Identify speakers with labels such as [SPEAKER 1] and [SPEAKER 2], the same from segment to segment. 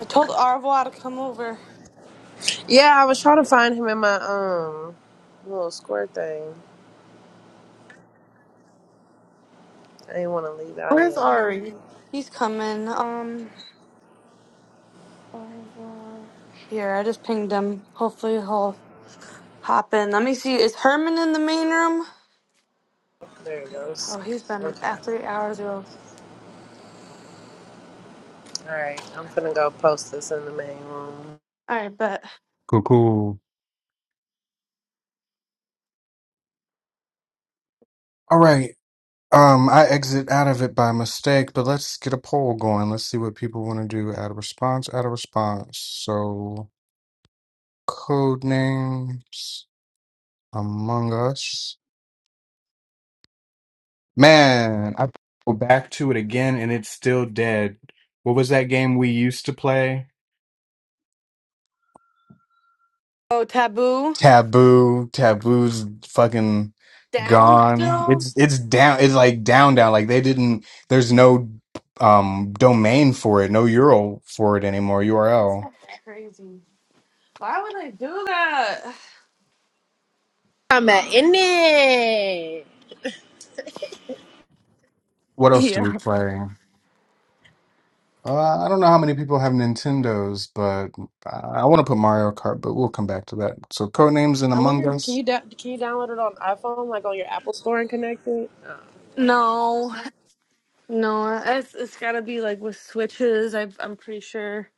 [SPEAKER 1] I told Arvois to come over.
[SPEAKER 2] Yeah, I was trying to find him in my um little square thing. I didn't want to leave out
[SPEAKER 3] Where's
[SPEAKER 2] yet.
[SPEAKER 3] Ari?
[SPEAKER 1] He's coming. Um, Arvois. Here, I just pinged him. Hopefully he'll hop in. Let me see. Is Herman in the main room?
[SPEAKER 2] There it goes.
[SPEAKER 1] Oh, he's been
[SPEAKER 2] Okay.
[SPEAKER 1] at three hours ago.
[SPEAKER 2] All right. I'm finna go post this in the main room.
[SPEAKER 1] All right, but
[SPEAKER 4] Cool, cool. All right. Um, I exit out of it by mistake, but let's get a poll going. Let's see what people want to do. Add a response, add a response. So, code names among us. Man, I go back to it again and it's still dead. What was that game we used to play?
[SPEAKER 1] oh, taboo
[SPEAKER 4] Taboo, Taboo's fucking
[SPEAKER 1] down
[SPEAKER 4] gone.
[SPEAKER 1] still.
[SPEAKER 4] It's it's down. It's like down, down. Like they didn't. There's no um domain for it. No URL for it anymore.
[SPEAKER 1] That's
[SPEAKER 4] URL.
[SPEAKER 1] not that crazy. Why would I do that?
[SPEAKER 2] I'm at in it.
[SPEAKER 4] What else do we
[SPEAKER 1] Yeah.
[SPEAKER 4] play? Uh, I don't know how many people have Nintendos, but I, I want to put Mario Kart. But we'll come back to that. So Codenames and
[SPEAKER 2] I wonder
[SPEAKER 4] Among
[SPEAKER 2] if can
[SPEAKER 4] Us.
[SPEAKER 2] you da- can you download it on iPhone like on your Apple Store and connect it? Oh, damn.
[SPEAKER 1] No, no. It's it's gotta be like with switches. I I'm pretty sure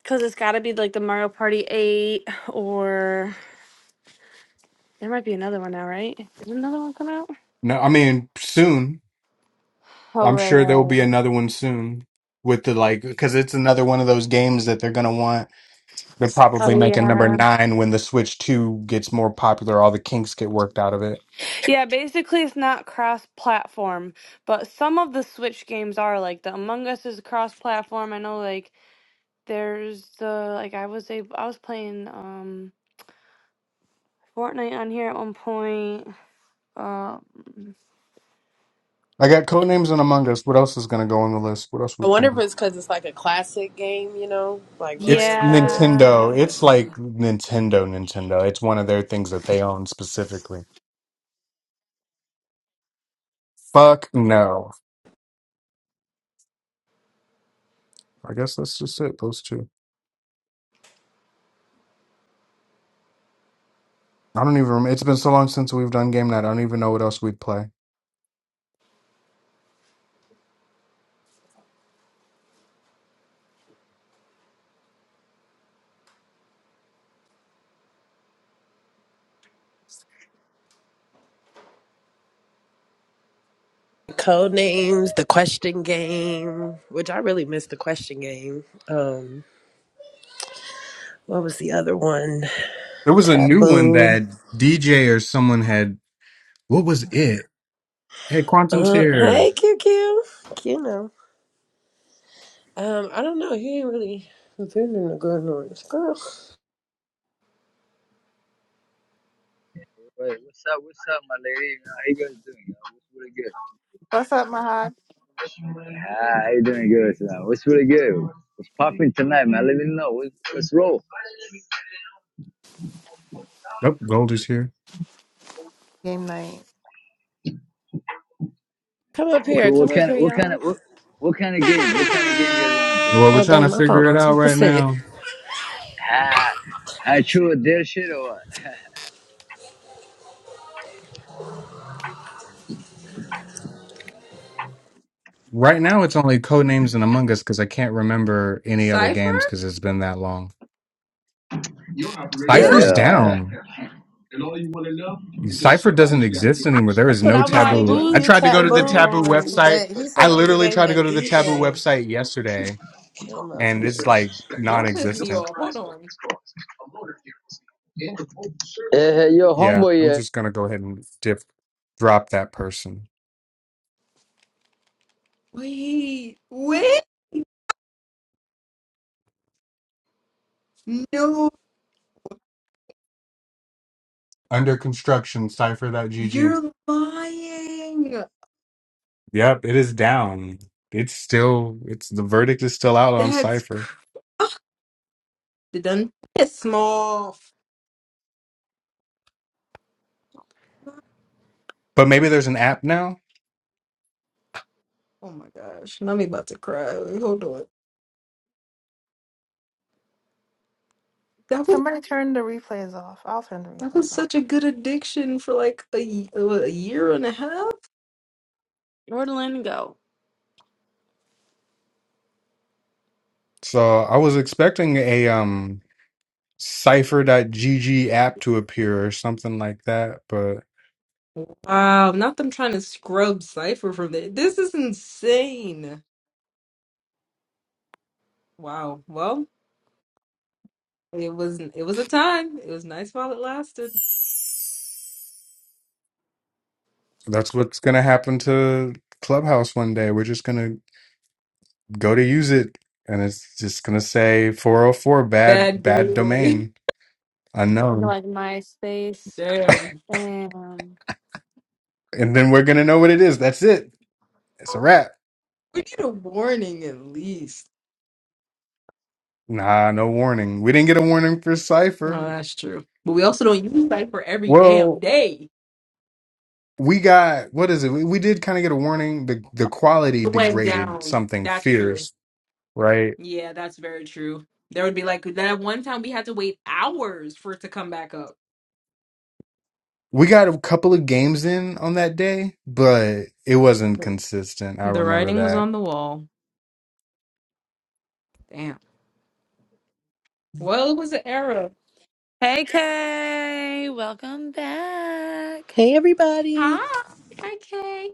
[SPEAKER 1] because it's gotta be like the Mario Party Eight or There might be another one now, right? Did another one come out?
[SPEAKER 4] No, I mean soon.
[SPEAKER 1] Oh,
[SPEAKER 4] I'm
[SPEAKER 1] right,
[SPEAKER 4] sure there will
[SPEAKER 1] right.
[SPEAKER 4] be another one soon with the like because it's another one of those games that they're gonna want. They'll probably
[SPEAKER 1] Oh
[SPEAKER 4] make a number
[SPEAKER 1] yeah.
[SPEAKER 4] nine when the Switch 2 gets more popular, all the kinks get worked out of it.
[SPEAKER 1] Yeah, basically it's not cross platform, but some of the Switch games are like the Among Us is cross platform. I know like there's the like I was a I was playing um Fortnite on here at one point. Um
[SPEAKER 4] I got Codenames and Among Us. What else is going to go on the list? What else
[SPEAKER 2] I
[SPEAKER 4] we
[SPEAKER 2] wonder if
[SPEAKER 4] playing?
[SPEAKER 2] it's because it's like a classic game, you know, like Mario
[SPEAKER 4] It's
[SPEAKER 2] Kart.
[SPEAKER 1] yeah.
[SPEAKER 4] Nintendo.
[SPEAKER 2] Yeah.
[SPEAKER 4] It's like Nintendo, Nintendo. It's one of their things that they own specifically. Fuck no. I guess that's just it, those two. I don't even remember. It's been so long since we've done game night. I don't even know what else we'd play.
[SPEAKER 2] Code names, the question game, which I really miss the question game. Um, What was the other one?
[SPEAKER 4] There was a new one
[SPEAKER 2] Taboo.
[SPEAKER 4] that DJ or someone had. What was it? Hey, Quantum's
[SPEAKER 2] Uh,
[SPEAKER 4] here.
[SPEAKER 2] hey, Q Q Q know. Um, I don't know. He ain't really been in the good news. Girl,
[SPEAKER 5] Wait, what's up? What's up, my lady? How you guys doing, y'all? What's really
[SPEAKER 3] What's up, Mahad?
[SPEAKER 5] good? Ah, how you doing good tonight? What's really good? What's popping tonight, man? Let me know. What, let's roll.
[SPEAKER 4] Oh, Gold is here.
[SPEAKER 3] Game night.
[SPEAKER 2] come up
[SPEAKER 5] Okay,
[SPEAKER 2] here. Come
[SPEAKER 5] what
[SPEAKER 2] up
[SPEAKER 5] kind
[SPEAKER 2] here,
[SPEAKER 5] of what kind
[SPEAKER 2] y'all.
[SPEAKER 5] of what, what kind of game? What kind of game you guys want to play?
[SPEAKER 4] Well, we're
[SPEAKER 2] Oh,
[SPEAKER 4] trying
[SPEAKER 2] dang,
[SPEAKER 4] to
[SPEAKER 2] my phone
[SPEAKER 4] figure it
[SPEAKER 2] on
[SPEAKER 4] out right
[SPEAKER 2] 2%.
[SPEAKER 4] now.
[SPEAKER 5] Ah, I true or dare shit or what?
[SPEAKER 4] Right now, it's only Codenames and Among Us because I can't remember any other
[SPEAKER 6] Cypher?
[SPEAKER 4] games because it's been that long.
[SPEAKER 5] yeah,
[SPEAKER 6] Still
[SPEAKER 4] Cypher's
[SPEAKER 5] yeah,
[SPEAKER 4] down.
[SPEAKER 5] yeah.
[SPEAKER 4] Cypher doesn't exist anymore. There is
[SPEAKER 2] But
[SPEAKER 4] no
[SPEAKER 2] I was
[SPEAKER 4] taboo.
[SPEAKER 2] thinking
[SPEAKER 6] lying.
[SPEAKER 4] I
[SPEAKER 2] Q
[SPEAKER 1] Taboo
[SPEAKER 4] tried to go to the
[SPEAKER 1] is
[SPEAKER 2] Taboo,
[SPEAKER 4] taboo
[SPEAKER 1] gone.
[SPEAKER 4] website.
[SPEAKER 2] but he
[SPEAKER 4] I
[SPEAKER 2] said it was a
[SPEAKER 4] literally
[SPEAKER 2] game
[SPEAKER 4] tried to go
[SPEAKER 2] that
[SPEAKER 4] to the taboo
[SPEAKER 2] DJ
[SPEAKER 4] website yesterday
[SPEAKER 2] came up
[SPEAKER 4] and it's
[SPEAKER 2] with.
[SPEAKER 4] like non
[SPEAKER 6] Don't piss me
[SPEAKER 4] existent.
[SPEAKER 6] off. Hold on.
[SPEAKER 5] Hey, hey, yo,
[SPEAKER 4] Yeah,
[SPEAKER 5] homeboy.
[SPEAKER 4] I'm
[SPEAKER 5] yeah.
[SPEAKER 4] just going to go ahead and dip, drop that person.
[SPEAKER 6] Wait, wait. No,
[SPEAKER 4] Under construction, Cypher.gg.
[SPEAKER 6] you're lying.
[SPEAKER 4] Yep, it is down. It's still, it's the verdict is still out on
[SPEAKER 6] That's
[SPEAKER 4] Cypher.
[SPEAKER 6] cr- it done piss me off.
[SPEAKER 4] But maybe there's an app now.
[SPEAKER 6] Oh my gosh, now I'm about to cry. Wait, Hold on. That was
[SPEAKER 3] Somebody turn the replays off. I'll turn the
[SPEAKER 6] that
[SPEAKER 3] replays
[SPEAKER 6] was
[SPEAKER 3] off.
[SPEAKER 6] such a good addiction for like a, y- oh, a year and a half.
[SPEAKER 1] Where'd Lynn go?
[SPEAKER 4] So I was expecting a um cipher.gg app to appear or something like that, but
[SPEAKER 6] Wow, not them trying to scrub Cypher from the This is insane. Wow. Well. It was it was a time. It was nice while it lasted.
[SPEAKER 4] that's what's going to happen to Clubhouse one day. We're just going to go to use it and it's just going to say 404 bad
[SPEAKER 6] Bad
[SPEAKER 4] bad
[SPEAKER 6] gateway.
[SPEAKER 4] domain
[SPEAKER 1] I go
[SPEAKER 4] unknown.
[SPEAKER 1] like MySpace.
[SPEAKER 6] Damn.
[SPEAKER 1] Damn.
[SPEAKER 4] And then we're going to know what it is. That's it. It's a wrap.
[SPEAKER 6] We need a warning at least.
[SPEAKER 4] Nah, no warning. We didn't get a warning for
[SPEAKER 6] Oh,
[SPEAKER 4] cipher.
[SPEAKER 6] that's true. But we also don't use Cypher every
[SPEAKER 4] Well.
[SPEAKER 6] damn day.
[SPEAKER 4] we got what is it? We, we did kind of get a warning. The the quality
[SPEAKER 6] It went
[SPEAKER 4] degraded
[SPEAKER 6] down.
[SPEAKER 4] something
[SPEAKER 6] That's true.
[SPEAKER 4] fierce, right?
[SPEAKER 6] Yeah, that's very true. There would be like that one time we had to wait hours for it to come back up.
[SPEAKER 4] We got a couple of games in on that day, but it wasn't
[SPEAKER 6] The
[SPEAKER 4] consistent. I
[SPEAKER 6] the
[SPEAKER 4] remember
[SPEAKER 6] writing was
[SPEAKER 4] that.
[SPEAKER 6] on the wall. Damn. Well, it was an era.
[SPEAKER 1] Hey Kay, welcome back.
[SPEAKER 7] Hey everybody.
[SPEAKER 6] Hi. Hi, Kay.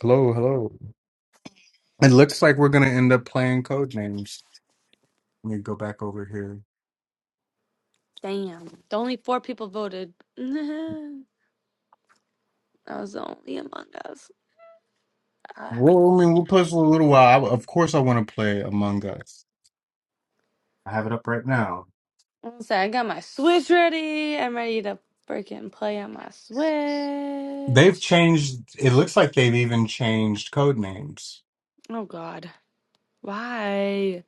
[SPEAKER 4] Hello, hello. It looks like we're gonna end up playing code names. Let me go back over here.
[SPEAKER 1] Damn, only four people voted. That was only among us. Ah.
[SPEAKER 4] Well, I mean, we'll play for a little while. I, of course, I want to play Among Us. I have it up right now.
[SPEAKER 1] I'm I got my Switch ready. I'm ready to freaking play on my
[SPEAKER 4] They've
[SPEAKER 1] Switch.
[SPEAKER 4] changed. It looks like they've even changed code names.
[SPEAKER 1] Oh God, why?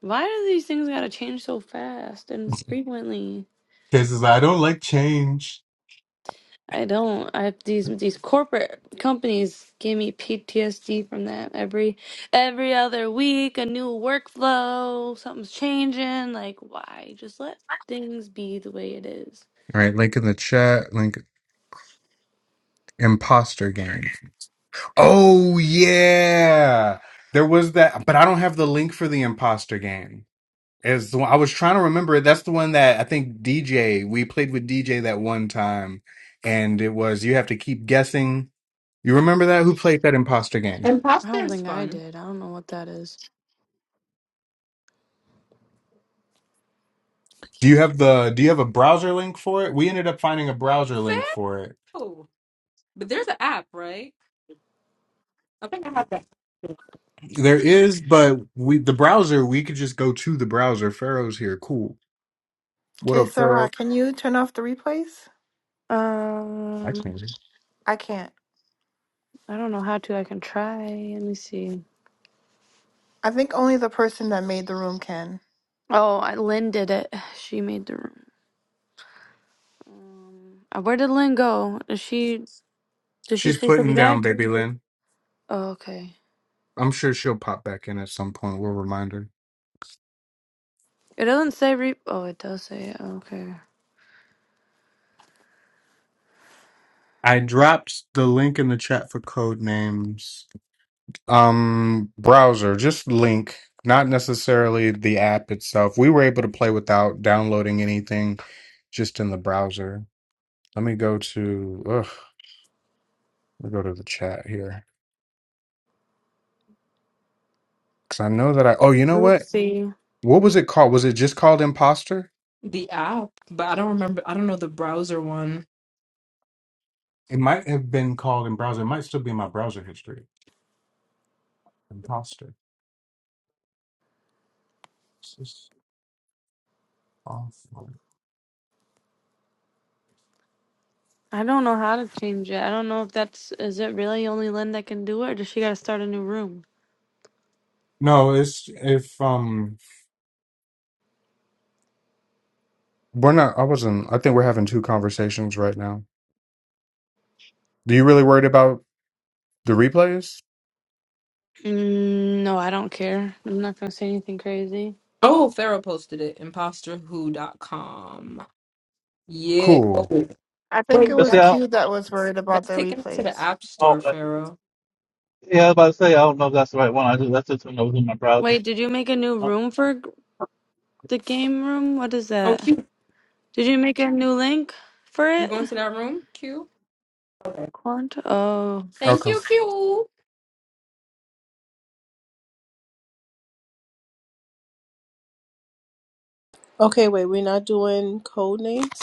[SPEAKER 1] Why do these things gotta change so fast and frequently?
[SPEAKER 4] Because I don't like change.
[SPEAKER 1] I don't. I these these corporate companies give me PTSD from that every every other week. A new workflow, something's changing. Like why? Just let things be the way it is.
[SPEAKER 4] All right, link in the chat, link imposter game. Oh yeah. There was that, but I don't have the link for the imposter game. As the one, I was trying to remember it. That's the one that I think DJ, we played with DJ that one time, and it was you have to keep guessing. You remember that? Who played that imposter game?
[SPEAKER 1] I
[SPEAKER 6] Imposter
[SPEAKER 1] don't
[SPEAKER 6] is
[SPEAKER 1] think I
[SPEAKER 6] fun.
[SPEAKER 1] did. I don't know what that is.
[SPEAKER 4] Do you have the do you have a browser link for it? We ended up finding a browser link for it.
[SPEAKER 6] Phil. But there's an app, right? I think I have that.
[SPEAKER 4] There is, but we the browser, we could just go to the browser. Pharaoh's here. Cool. What
[SPEAKER 3] Okay,
[SPEAKER 4] up, Pharaoh?
[SPEAKER 3] Sarah, can you turn off the replays?
[SPEAKER 4] I
[SPEAKER 1] Um,
[SPEAKER 4] can't.
[SPEAKER 3] I can't.
[SPEAKER 1] I don't know how to. I can try. Let me see.
[SPEAKER 3] I think only the person that made the room can.
[SPEAKER 1] Oh, I, Lynn did it. She made the room. Um, uh, where did Lynn go? Is she? Did she
[SPEAKER 4] She's
[SPEAKER 1] say she'll
[SPEAKER 4] putting
[SPEAKER 1] be
[SPEAKER 4] down
[SPEAKER 1] back?
[SPEAKER 4] Baby Lynn.
[SPEAKER 1] Oh, okay.
[SPEAKER 4] I'm sure she'll pop back in at some point. We'll remind her.
[SPEAKER 1] It doesn't say re. Oh, it does say it. Okay.
[SPEAKER 4] I dropped the link in the chat for code names. Um, browser, just link, not necessarily the app itself. We were able to play without downloading anything, just in the browser. Let me go to, ugh, let me go to the chat here. Because I know that I, oh, you know
[SPEAKER 1] Let's
[SPEAKER 4] what?
[SPEAKER 1] see.
[SPEAKER 4] What was it called? Was it just called Imposter?
[SPEAKER 6] The app, but I don't remember. I don't know the browser one.
[SPEAKER 4] It might have been called in browser. It might still be in my browser history. Imposter. Awesome.
[SPEAKER 1] I don't know how to change it. I don't know if that's. Is it really only Lynn that can do it, or does she gotta start a new room?
[SPEAKER 4] No, it's if um we're not I wasn't I think we're having two conversations right now. Do you really worried about the replays?
[SPEAKER 1] Mm, no, I don't care. I'm not gonna say anything crazy.
[SPEAKER 6] Oh, Pharaoh posted it. Imposterwho.com. Yeah. Oh,
[SPEAKER 4] Cool.
[SPEAKER 3] I think
[SPEAKER 6] wait,
[SPEAKER 3] it
[SPEAKER 6] but
[SPEAKER 8] Let's
[SPEAKER 3] was
[SPEAKER 8] see, I
[SPEAKER 6] that's
[SPEAKER 8] don't,
[SPEAKER 3] Q that was worried about
[SPEAKER 6] that's
[SPEAKER 3] the
[SPEAKER 6] taken us to the
[SPEAKER 3] replays.
[SPEAKER 6] app
[SPEAKER 8] oh,
[SPEAKER 6] store,
[SPEAKER 8] uh,
[SPEAKER 6] Pharaoh.
[SPEAKER 8] yeah, I was about to say, I don't know if that's the right one. I just, that's just one that was in my browser.
[SPEAKER 1] Wait, did you make a new room for g- the game room? What is
[SPEAKER 6] Oh,
[SPEAKER 1] that?
[SPEAKER 6] Q.
[SPEAKER 1] Did you make a new link for
[SPEAKER 6] We
[SPEAKER 1] it?
[SPEAKER 6] going to that room, Q? Okay.
[SPEAKER 1] Quant? oh.
[SPEAKER 6] Thank
[SPEAKER 4] Okay.
[SPEAKER 6] you, Q.
[SPEAKER 7] Okay, wait, we're not doing code names.